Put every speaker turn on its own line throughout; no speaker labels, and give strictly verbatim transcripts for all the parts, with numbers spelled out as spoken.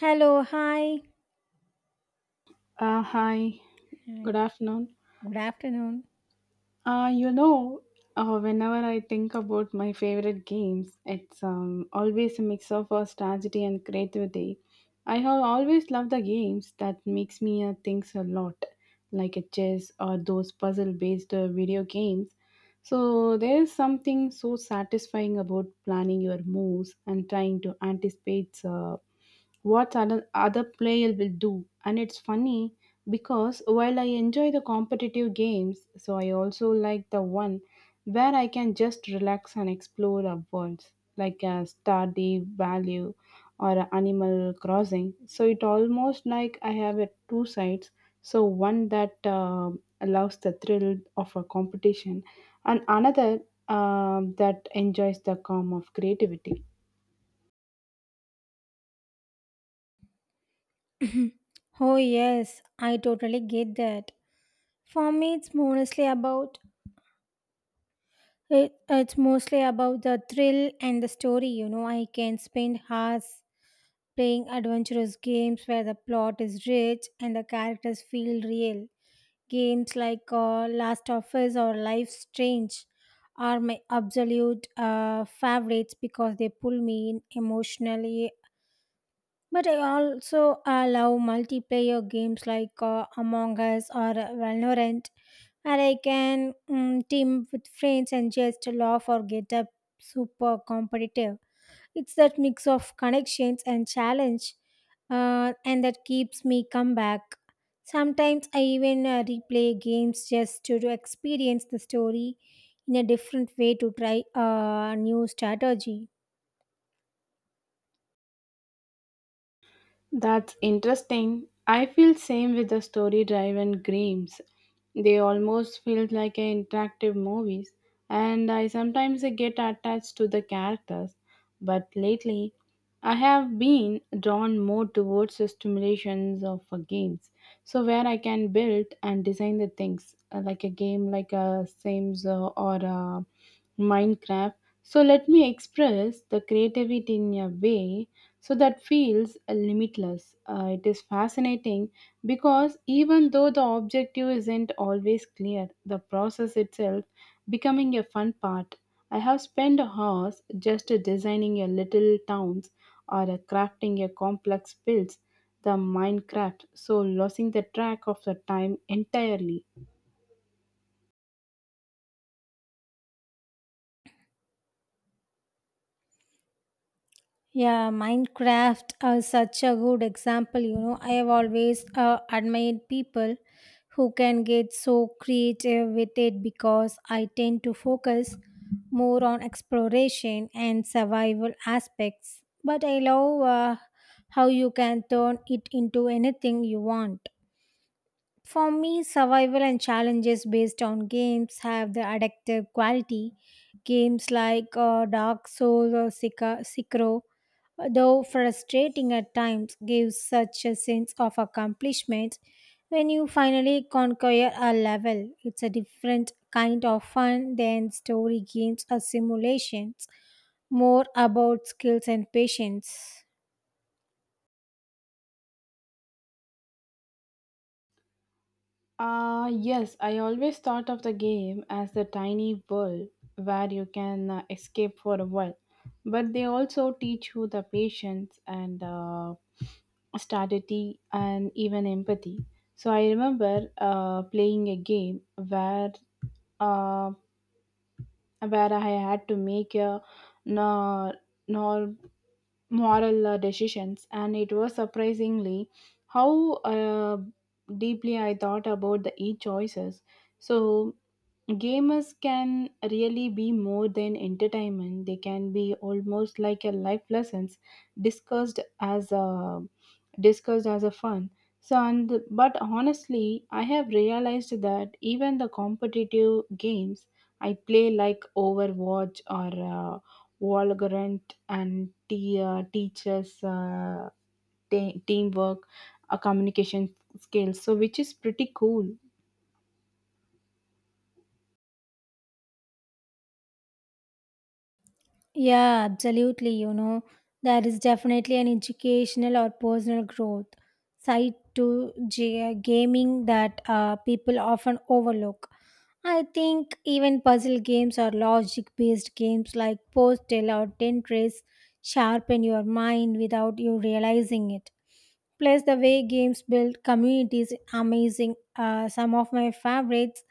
Hello, hi.
Uh, hi, good
Hi,
afternoon.
good afternoon.
Uh, you know, uh, Whenever I think about my favorite games, it's um, always a mix of uh, strategy and creativity. I have always loved the games that makes me uh, think a lot, like a chess or those puzzle-based uh, video games. So there's something so satisfying about planning your moves and trying to anticipate uh, what other, other player will do. And it's funny because while I enjoy the competitive games, so I also like the one where I can just relax and explore the worlds, like a Stardew Value or a Animal Crossing. So it almost like I have a two sides. So one that uh, allows the thrill of a competition, and another um that enjoys the calm of creativity.
Oh, yes, I totally get that. For me, it's mostly about it, it's mostly about the thrill and the story. You know, I can spend hours playing adventurous games where the plot is rich and the characters feel real. Games like uh, Last of Us or Life Strange are my absolute uh, favorites because they pull me in emotionally. But I also uh, love multiplayer games like uh, Among Us or Valorant, where I can mm team with friends and just laugh or get up super competitive. It's that mix of connections and challenge, uh, and that keeps me come back. Sometimes I even uh, replay games just to, to experience the story in a different way to try a new strategy.
That's interesting. I feel same with the story driven games. They almost feel like a interactive movies and I sometimes get attached to the characters. But lately I have been drawn more towards the stimulations of uh, games. So where I can build and design the things uh, like a game like a Sims uh, or a Minecraft. So let me express the creativity in a way so that feels limitless. Uh, it is fascinating because even though the objective isn't always clear, the process itself becoming a fun part. I have spent hours just designing a little towns or uh, crafting a complex builds, the Minecraft, so losing the track of the time entirely.
Yeah, Minecraft uh, is such a good example. You know, I have always uh, admired people who can get so creative with it because I tend to focus more on exploration and survival aspects. But I love uh, how you can turn it into anything you want. For me, survival and challenges based on games have the addictive quality. Games like uh, Dark Souls or Sika- Sekiro, though frustrating at times, gives such a sense of accomplishment when you finally conquer a level. It's a different kind of fun than story games or simulations, more about skills and patience.
Uh, yes, I always thought of the game as the tiny world where you can uh, escape for a while. But they also teach you the patience and uh, strategy and even empathy. So I remember uh, playing a game where uh, where I had to make a nor, nor moral uh, decisions, and it was surprisingly how uh, deeply I thought about the e choices. So gamers can really be more than entertainment. They can be almost like a life lessons discussed as a discussed as a fun. So and but honestly, I have realized that even the competitive games I play like Overwatch or uh, Valorant and t- uh, teaches uh, te- teamwork, uh, communication skills. So which is pretty cool.
Yeah, absolutely. You know, there is definitely an educational or personal growth side to g- gaming that uh, people often overlook. I think even puzzle games or logic based games like Postel or Tetris sharpen your mind without you realizing it. Plus, the way games build communities is amazing. Uh, some of my favorites,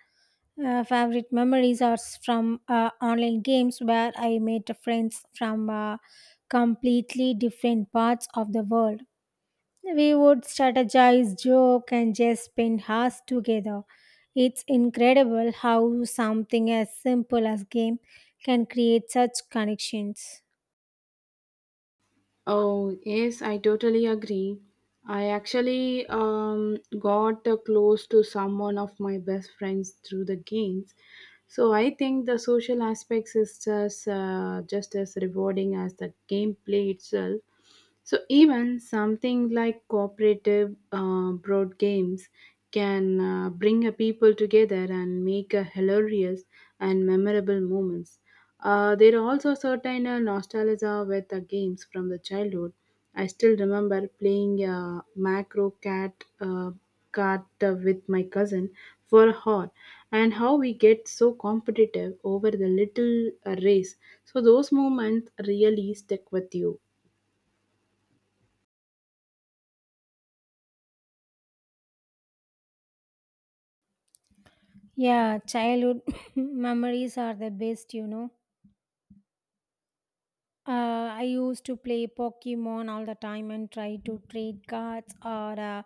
uh, favorite memories are s- from uh, online games where I met friends from uh, completely different parts of the world. We would strategize, joke, and just spend hours together. It's incredible how something as simple as game can create such connections.
Oh, yes, I totally agree. I actually um, got uh, close to someone of my best friends through the games. So I think the social aspects is just, uh, just as rewarding as the gameplay itself. So even something like cooperative uh, board games can uh, bring a people together and make a hilarious and memorable moments. Uh, there are also certain uh, nostalgia with the games from the childhood. I still remember playing uh, Macro Cat uh, Kart uh, with my cousin for a hour, and how we get so competitive over the little uh, race. So those moments really stick with you.
Yeah, childhood memories are the best, you know. Uh, I used to play Pokemon all the time and try to trade cards or uh,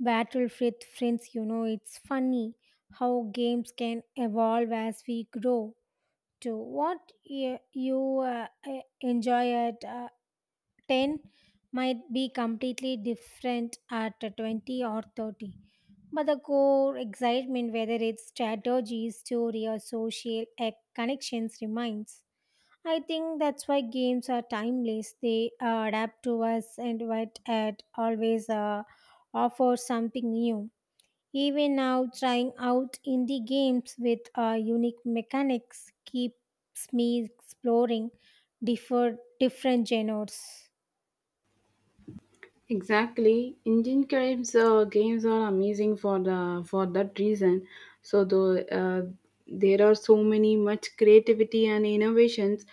battle with friends. You know, it's funny how games can evolve as we grow. To what you, you uh, uh, enjoy at uh, ten might be completely different at twenty or thirty. But the core excitement, whether it's strategy, story, or social eh, connections, remains. I think that's why games are timeless. They uh, adapt to us and what ad always uh, offer something new. Even now, trying out indie games with uh, unique mechanics keeps me exploring differ- different genres.
Exactly, Indian games uh, games are amazing for the for that reason. So the uh, there are so many much creativity and innovations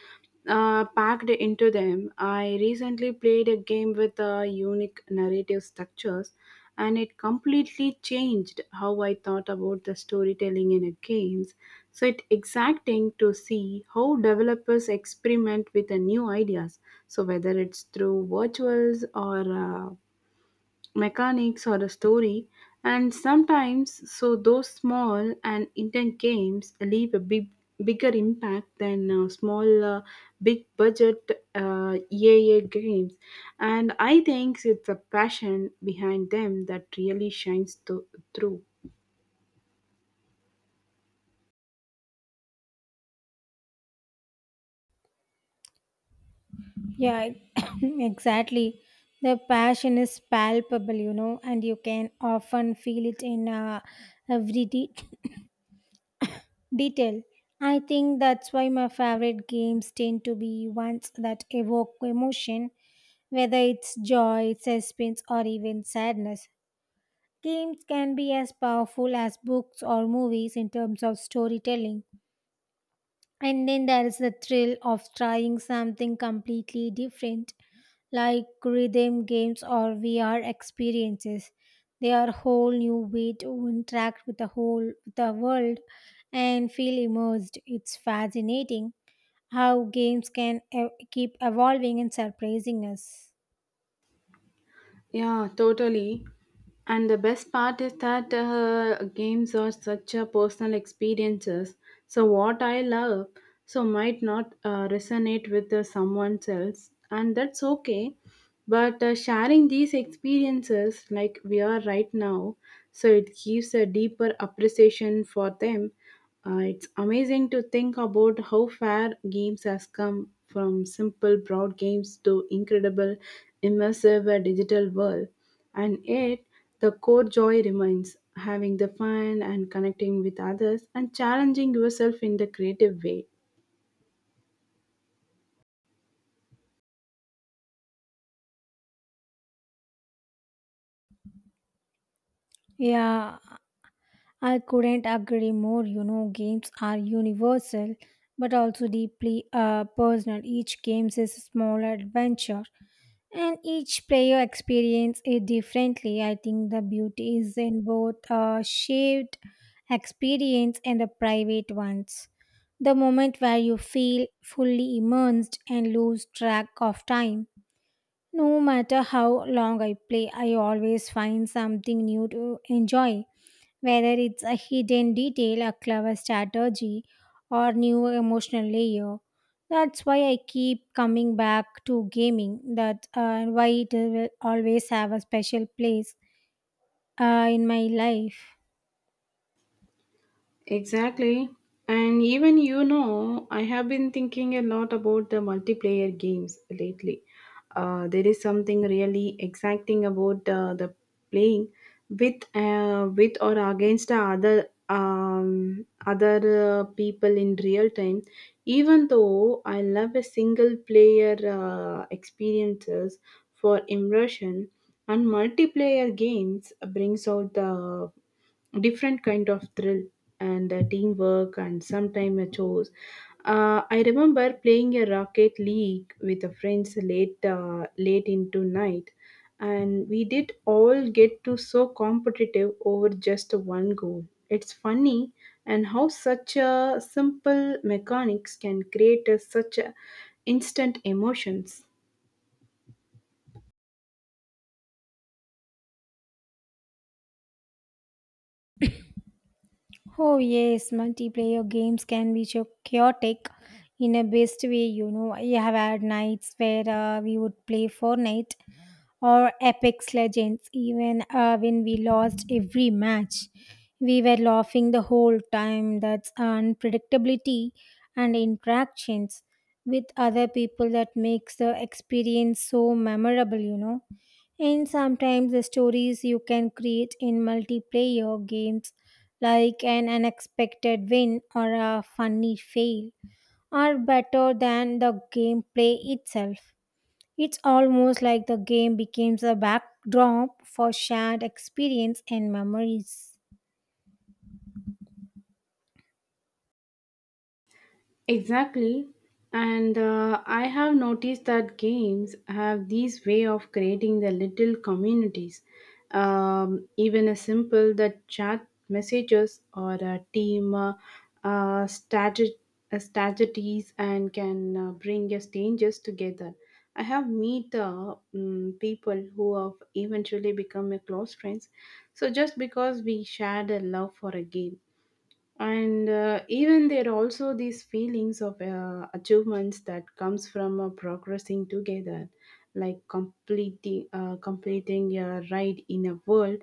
uh, packed into them. I recently played a game with uh, unique narrative structures and it completely changed how I thought about the storytelling in a games. So it's exciting to see how developers experiment with the new ideas. So whether it's through virtuals or uh, mechanics or a story and sometimes so those small and intent games leave a big bigger impact than uh, small uh, big budget uh, E A A games and I think it's a passion behind them that really shines th- through.
Yeah, exactly. The passion is palpable, you know, and you can often feel it in uh, every de- detail. I think that's why my favorite games tend to be ones that evoke emotion, whether it's joy, suspense, or even sadness. Games can be as powerful as books or movies in terms of storytelling. And then there is the thrill of trying something completely different, like rhythm games or V R experiences. They are a whole new way to interact with the whole the world and feel immersed. It's fascinating how games can e- keep evolving and surprising us.
Yeah, totally. And the best part is that uh, games are such a personal experiences. So what I love so might not uh, resonate with uh, someone else, and that's okay. But uh, sharing these experiences, like we are right now, so it gives a deeper appreciation for them, uh, it's amazing to think about how far games has come from simple broad games to incredible immersive uh, digital world. And yet the core joy remains having the fun and connecting with others and challenging yourself in the creative way.
Yeah, I couldn't agree more. You know, games are universal but also deeply uh, personal. Each game is a small adventure, and each player experience it differently. I think the beauty is in both a shared experience and the private ones. The moment where you feel fully immersed and lose track of time. No matter how long I play, I always find something new to enjoy, whether it's a hidden detail, a clever strategy, or new emotional layer. That's why I keep coming back to gaming. That uh, why it will always have a special place uh, in my life.
Exactly. And even you know, I have been thinking a lot about the multiplayer games lately. Uh, there is something really exciting about uh, the playing with uh, with or against the other um, other uh, people in real time. Even though I love a single player uh, experiences for immersion, and multiplayer games brings out the different kind of thrill and uh, teamwork and sometime uh, chores. Uh, I remember playing a rocket league with the friends late uh, late into night, and we did all get to so competitive over just one goal. It's funny and how such a simple mechanics can create a, such a instant emotions.
Oh yes, multiplayer games can be so chaotic in a best way. You know, I have had nights where uh, we would play Fortnite or apex legends. Even uh, when we lost every match, we were laughing the whole time. That's unpredictability and interactions with other people that makes the experience so memorable, you know. And sometimes the stories you can create in multiplayer games, like an unexpected win or a funny fail, are better than the gameplay itself. It's almost like the game becomes a backdrop for shared experience and memories.
Exactly. And uh, I have noticed that games have these way of creating the little communities. Um, even a simple the chat messages or a team uh, uh, strateg- uh, strategies and can uh, bring your strangers together. I have meet uh, mm, people who have eventually become a close friends. So just because we shared a love for a game and uh, even there are also these feelings of uh, achievements that comes from uh, progressing together like completing uh, completing a ride in a world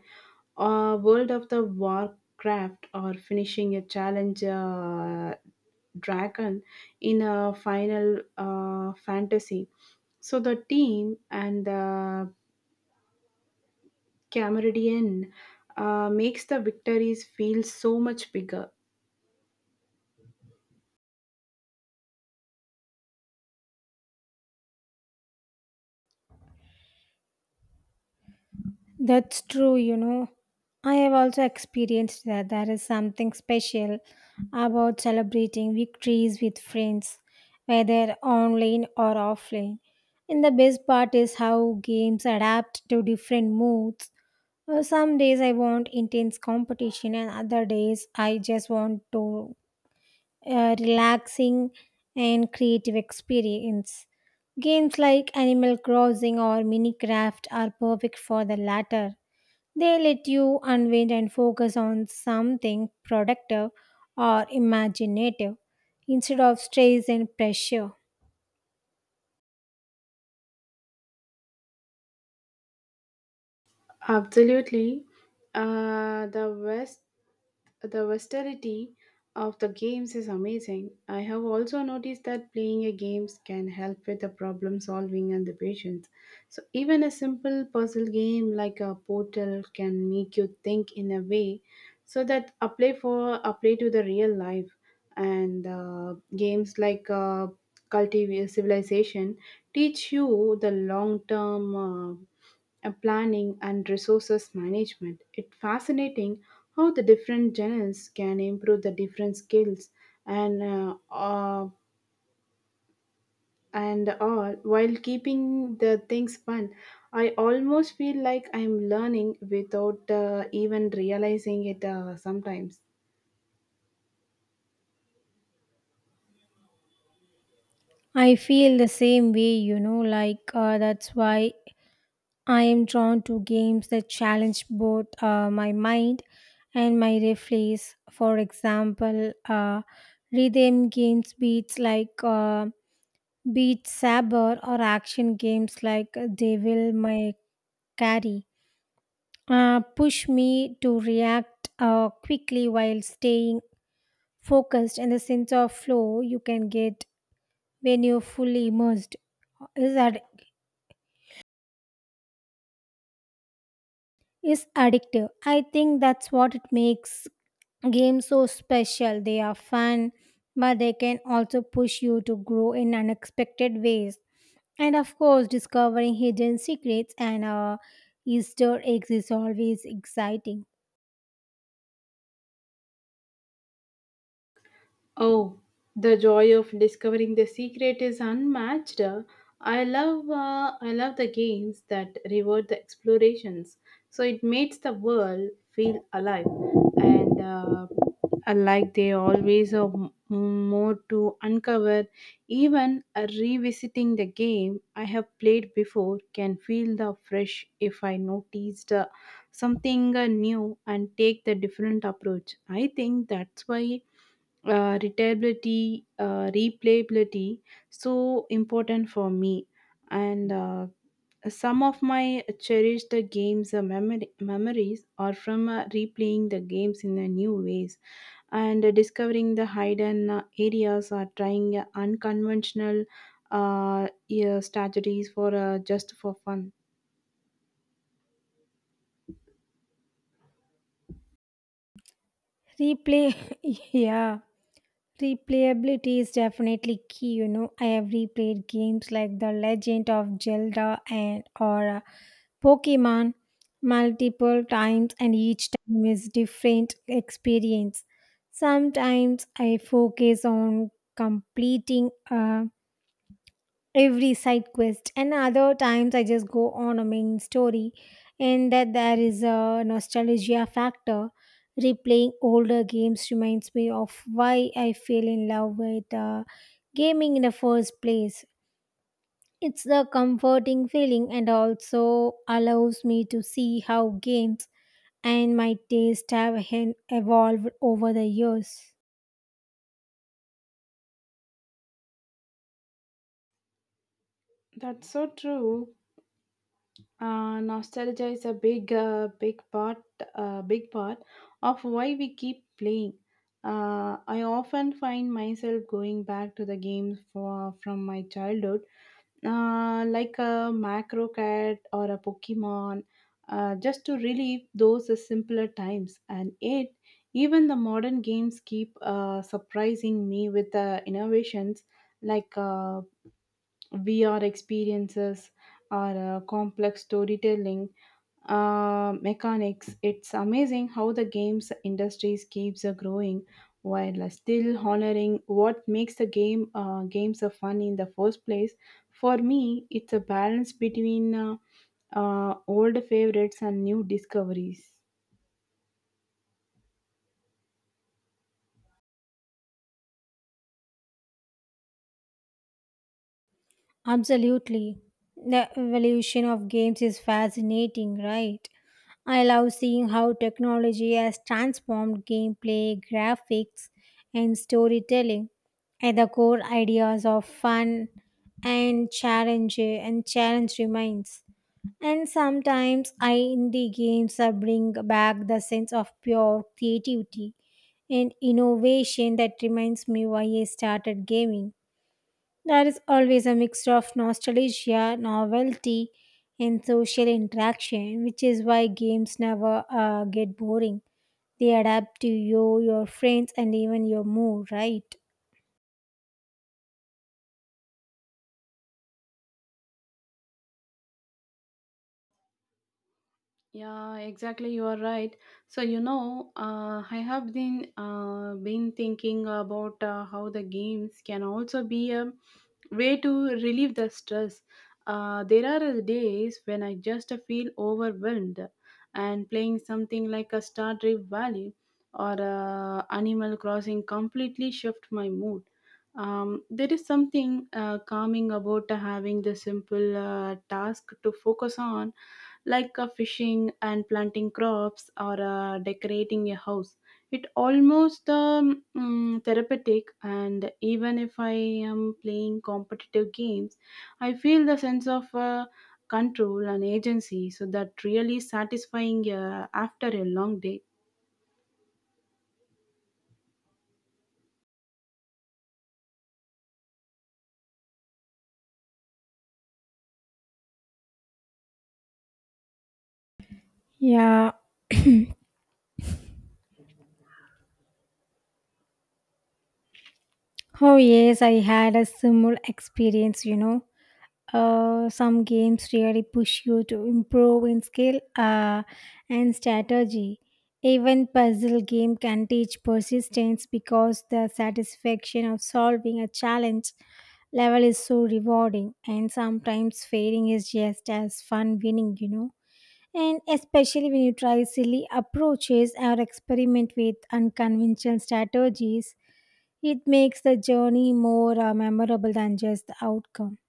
or world of the warcraft or finishing a challenge uh, dragon in a final uh, fantasy so the team and the camaraderie uh, makes the victories feel so much bigger.
That's true, you know. I have also experienced that there is something special about celebrating victories with friends, whether online or offline. And the best part is how games adapt to different moods. Uh, Some days I want intense competition, and other days I just want to a relaxing and creative experience. Games like Animal Crossing or Minecraft are perfect for the latter. They let you unwind and focus on something productive or imaginative instead of stress and pressure.
Absolutely. Uh, the West, the versatility of the games is amazing. I have also noticed that playing a games can help with the problem solving and the patience. So even a simple puzzle game like a portal can make you think in a way so that apply for apply to the real life and uh, games like uh, cultivate civilization teach you the long term uh, and planning and resources management. It's fascinating how the different genres can improve the different skills and uh, uh, and all while keeping the things fun. I almost feel like I'm learning without uh, even realizing it uh, sometimes.
I feel the same way, you know, like uh, that's why I am drawn to games that challenge both uh, my mind and my reflex. For example, uh, rhythm games beats like uh, Beat Saber or action games like Devil May Cry uh, push me to react uh, quickly while staying focused. And the sense of flow you can get when you're fully immersed is, ad- is addictive. I think that's what it makes games so special. They are fun, but they can also push you to grow in unexpected ways. And of course, discovering hidden secrets and uh, easter eggs is always exciting.
Oh, the joy of discovering the secret is unmatched. Uh, I love uh, I love the games that reward the explorations. So it makes the world feel alive, and uh, like they always have m- more to uncover. Even uh, revisiting the game I have played before can feel the fresh if I noticed uh, something uh, new and take the different approach. I think that's why uh, retailability, uh, replayability, so important for me. And uh, some of my cherished games uh, memory- memories are from uh, replaying the games in uh, new ways and uh, discovering the hidden uh, areas or trying uh, unconventional uh, yeah, strategies for uh, just for fun.
Replay Yeah, replayability is definitely key. You know, I have replayed games like The Legend of Zelda and or uh, Pokemon multiple times, and each time is different experience. Sometimes I focus on completing a every side quest, and other times I just go on a main story. And that there is a nostalgia factor. Replaying older games reminds me of why I fell in love with uh, gaming in the first place. It's a comforting feeling and also allows me to see how games and my taste have hen- evolved over the years.
That's so true. Uh, nostalgia is a big, uh, big part, uh, big part of why we keep playing. Uh, I often find myself going back to the games for, from my childhood, uh, like a Macro Cat or a Pokemon, uh, just to relive those simpler times. And yet, even the modern games keep uh, surprising me with the innovations like uh, V R experiences or uh, complex storytelling uh, mechanics. It's amazing how the games industries keeps uh, growing while uh, still honoring what makes the game uh, games uh, fun in the first place. For me, it's a balance between uh, uh, old favorites and new discoveries.
Absolutely. The evolution of games is fascinating, right? I love seeing how technology has transformed gameplay, graphics, and storytelling. At the core ideas of fun and challenge and challenge remains. And sometimes I indie games uh, bring back the sense of pure creativity and innovation that reminds me why I started gaming. There is always a mixture of nostalgia, novelty, and social interaction, which is why games never uh, get boring. They adapt to you, your friends, and even your mood, right?
Yeah, exactly. You are right. So you know, uh, I have been uh, been thinking about uh, how the games can also be a way to relieve the stress. Uh, there are days when I just feel overwhelmed, and playing something like a Star Trek Valley or uh, Animal Crossing completely shift my mood. Um, there is something uh, calming about having the simple uh, task to focus on, like uh, fishing and planting crops or uh, decorating a house. It almost um, mm, therapeutic, and even if I am playing competitive games, I feel the sense of uh, control and agency. So that really satisfying uh, after a long day.
Yeah. Oh, yes, I had a similar experience, you know. Uh, some games really push you to improve in skill uh, and strategy. Even puzzle game can teach persistence because the satisfaction of solving a challenge level is so rewarding. And sometimes failing is just as fun winning, you know. And especially when you try silly approaches or experiment with unconventional strategies, it makes the journey more uh, memorable than just the outcome.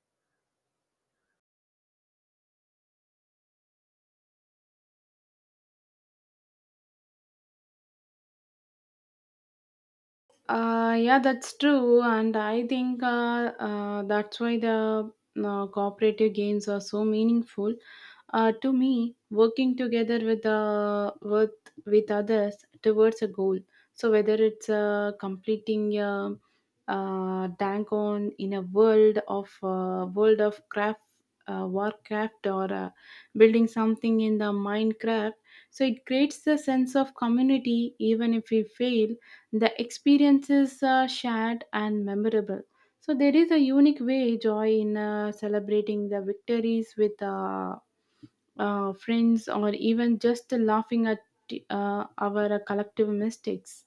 Uh, yeah, that's true, and I think uh, uh, that's why the uh, cooperative games are so meaningful. Uh, to me, working together with uh, with with others towards a goal. So whether it's uh, completing a, uh tank on in a world of uh, world of craft uh, warcraft or uh, building something in the minecraft so it creates a sense of community even if we fail the experience is uh, shared and memorable so there is a unique way joy in uh, celebrating the victories with uh, uh, friends, or even just laughing at uh, our collective mistakes.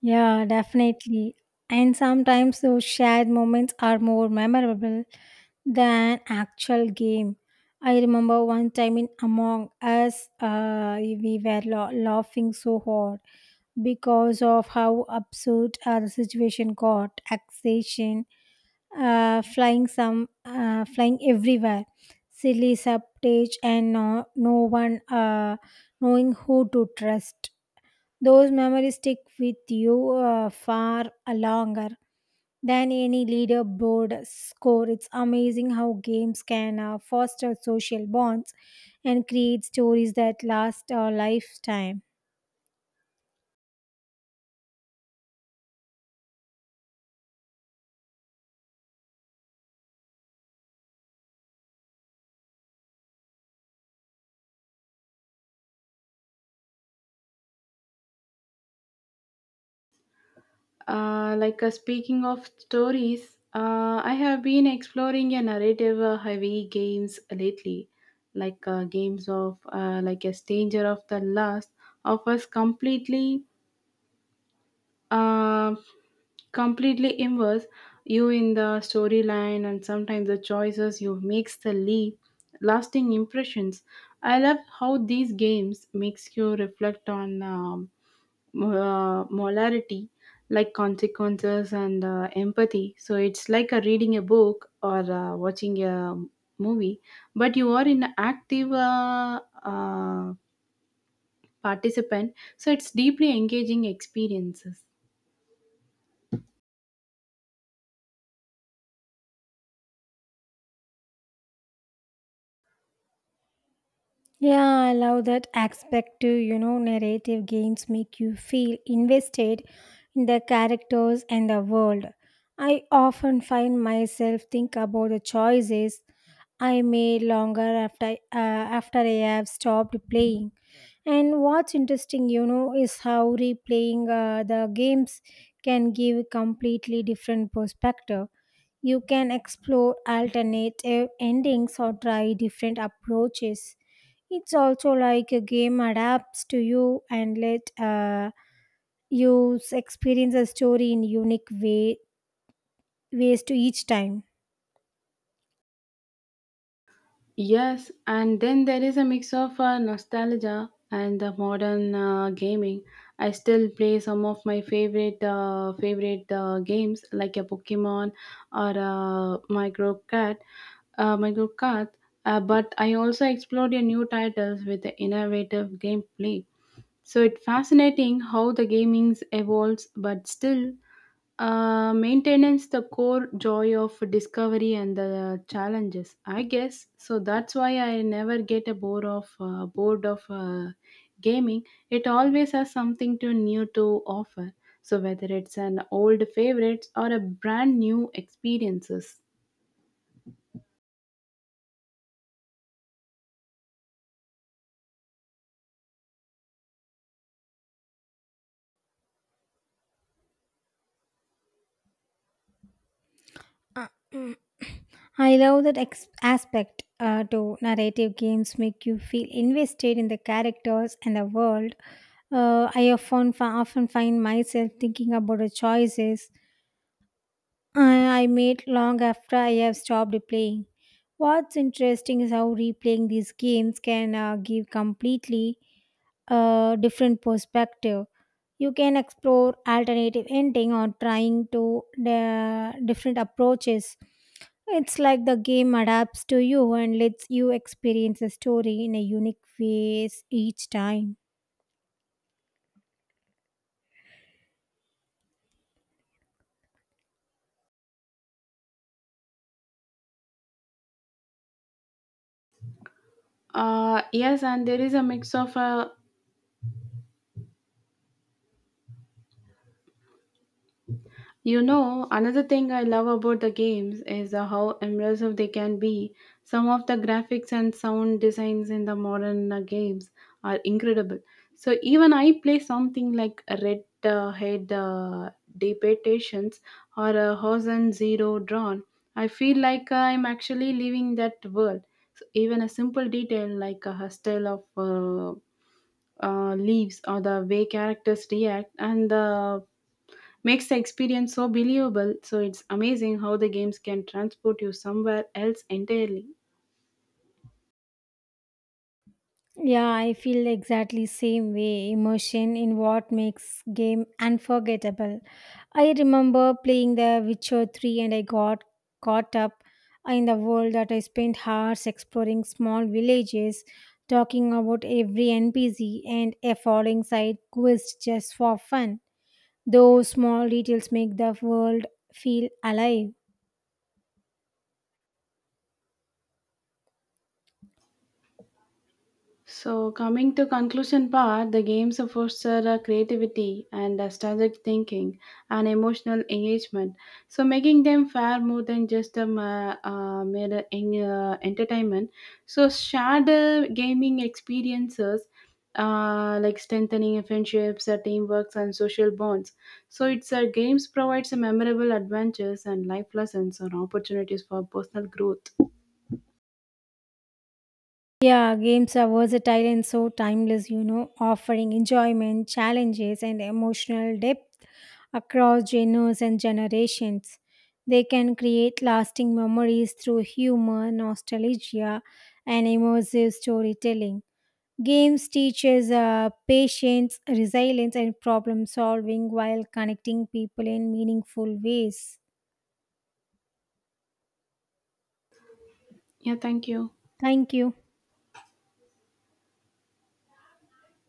Yeah, definitely. And sometimes those shared moments are more memorable than actual game. I remember one time in Among Us, uh, we were la- laughing so hard because of how absurd uh, the situation got. Taxation, uh, flying some, uh, flying everywhere, silly subtage, and no, no one uh, knowing who to trust. Those memories stick with you uh, far longer than any leaderboard score. It's amazing how games can uh, foster social bonds and create stories that last a lifetime.
Uh, like uh, speaking of stories, uh, I have been exploring a narrative uh, heavy games lately, like uh, games of uh, like a stranger of the last of us completely uh, completely immerse you in the storyline and sometimes the choices you makes the leave lasting impressions I love how these games makes you reflect on um, uh, molarity like consequences and uh, empathy so it's like a reading a book or uh, watching a movie but you are an active uh, uh, participant so it's deeply engaging experiences.
Yeah, I love that aspect too. You know, narrative games make you feel invested in the characters and the world. I often find myself think about the choices I made longer after uh, after I have stopped playing. And what's interesting, you know, is how replaying uh, the games can give a completely different perspective. You can explore alternative endings or try different approaches. It's also like a game adapts to you and let uh, you s- experience a story in unique way ways to each time.
Yes, and then there is a mix of uh, nostalgia and the modern uh, gaming. I still play some of my favorite uh, favorite uh, games like a Pokemon or uh, Micro Cat, uh, Micro Cat. Uh, but I also explored a new titles with the innovative gameplay. So it's fascinating how the gaming evolves, but still uh, maintains the core joy of discovery and the challenges. I guess so. That's why I never get a bored of uh, bored of uh, gaming. It always has something to new to offer. So whether it's an old favorites or a brand new experiences.
Uh, mm. I love that ex- aspect uh, to narrative games make you feel invested in the characters and the world. Uh, I often, fi- often find myself thinking about the choices I I made long after I have stopped playing. What's interesting is how replaying these games can uh, give completely a different perspective. You can explore alternative ending or trying to uh, different approaches. It's like the game adapts to you and lets you experience the story in a unique ways each time.
Uh, yes, and there is a mix of uh, You know, another thing I love about the games is uh, how immersive they can be. Some of the graphics and sound designs in the modern uh, games are incredible. So even I play something like Red uh, Head uh, Debations or uh, Horizon Zero Dawn. I feel like I'm actually living that world. So even a simple detail like a style of uh, uh, leaves or the way characters react and the makes the experience so believable. So it's amazing how the games can transport you somewhere else entirely.
Yeah, I feel exactly same way. Emotion in what makes game unforgettable. I remember playing The Witcher three and I got caught up in the world that I spent hours exploring small villages, talking about every N P C and a following side quest just for fun. Those small details make the world feel alive.
So coming to conclusion part, the games foster uh, creativity and uh, strategic thinking and emotional engagement. So making them far more than just a ma- uh, mere en- uh, entertainment. So shared uh, gaming experiences. Uh, like strengthening friendships, uh, teamworks, and social bonds. So, it's uh, Games provides memorable adventures and life lessons and opportunities for personal growth.
Yeah, games are versatile and so timeless, you know, offering enjoyment, challenges, and emotional depth across genres and generations. They can create lasting memories through humor, nostalgia, and immersive storytelling. Games teaches uh, patience, resilience, and problem solving while connecting people in meaningful ways.
Yeah, thank you.
Thank you.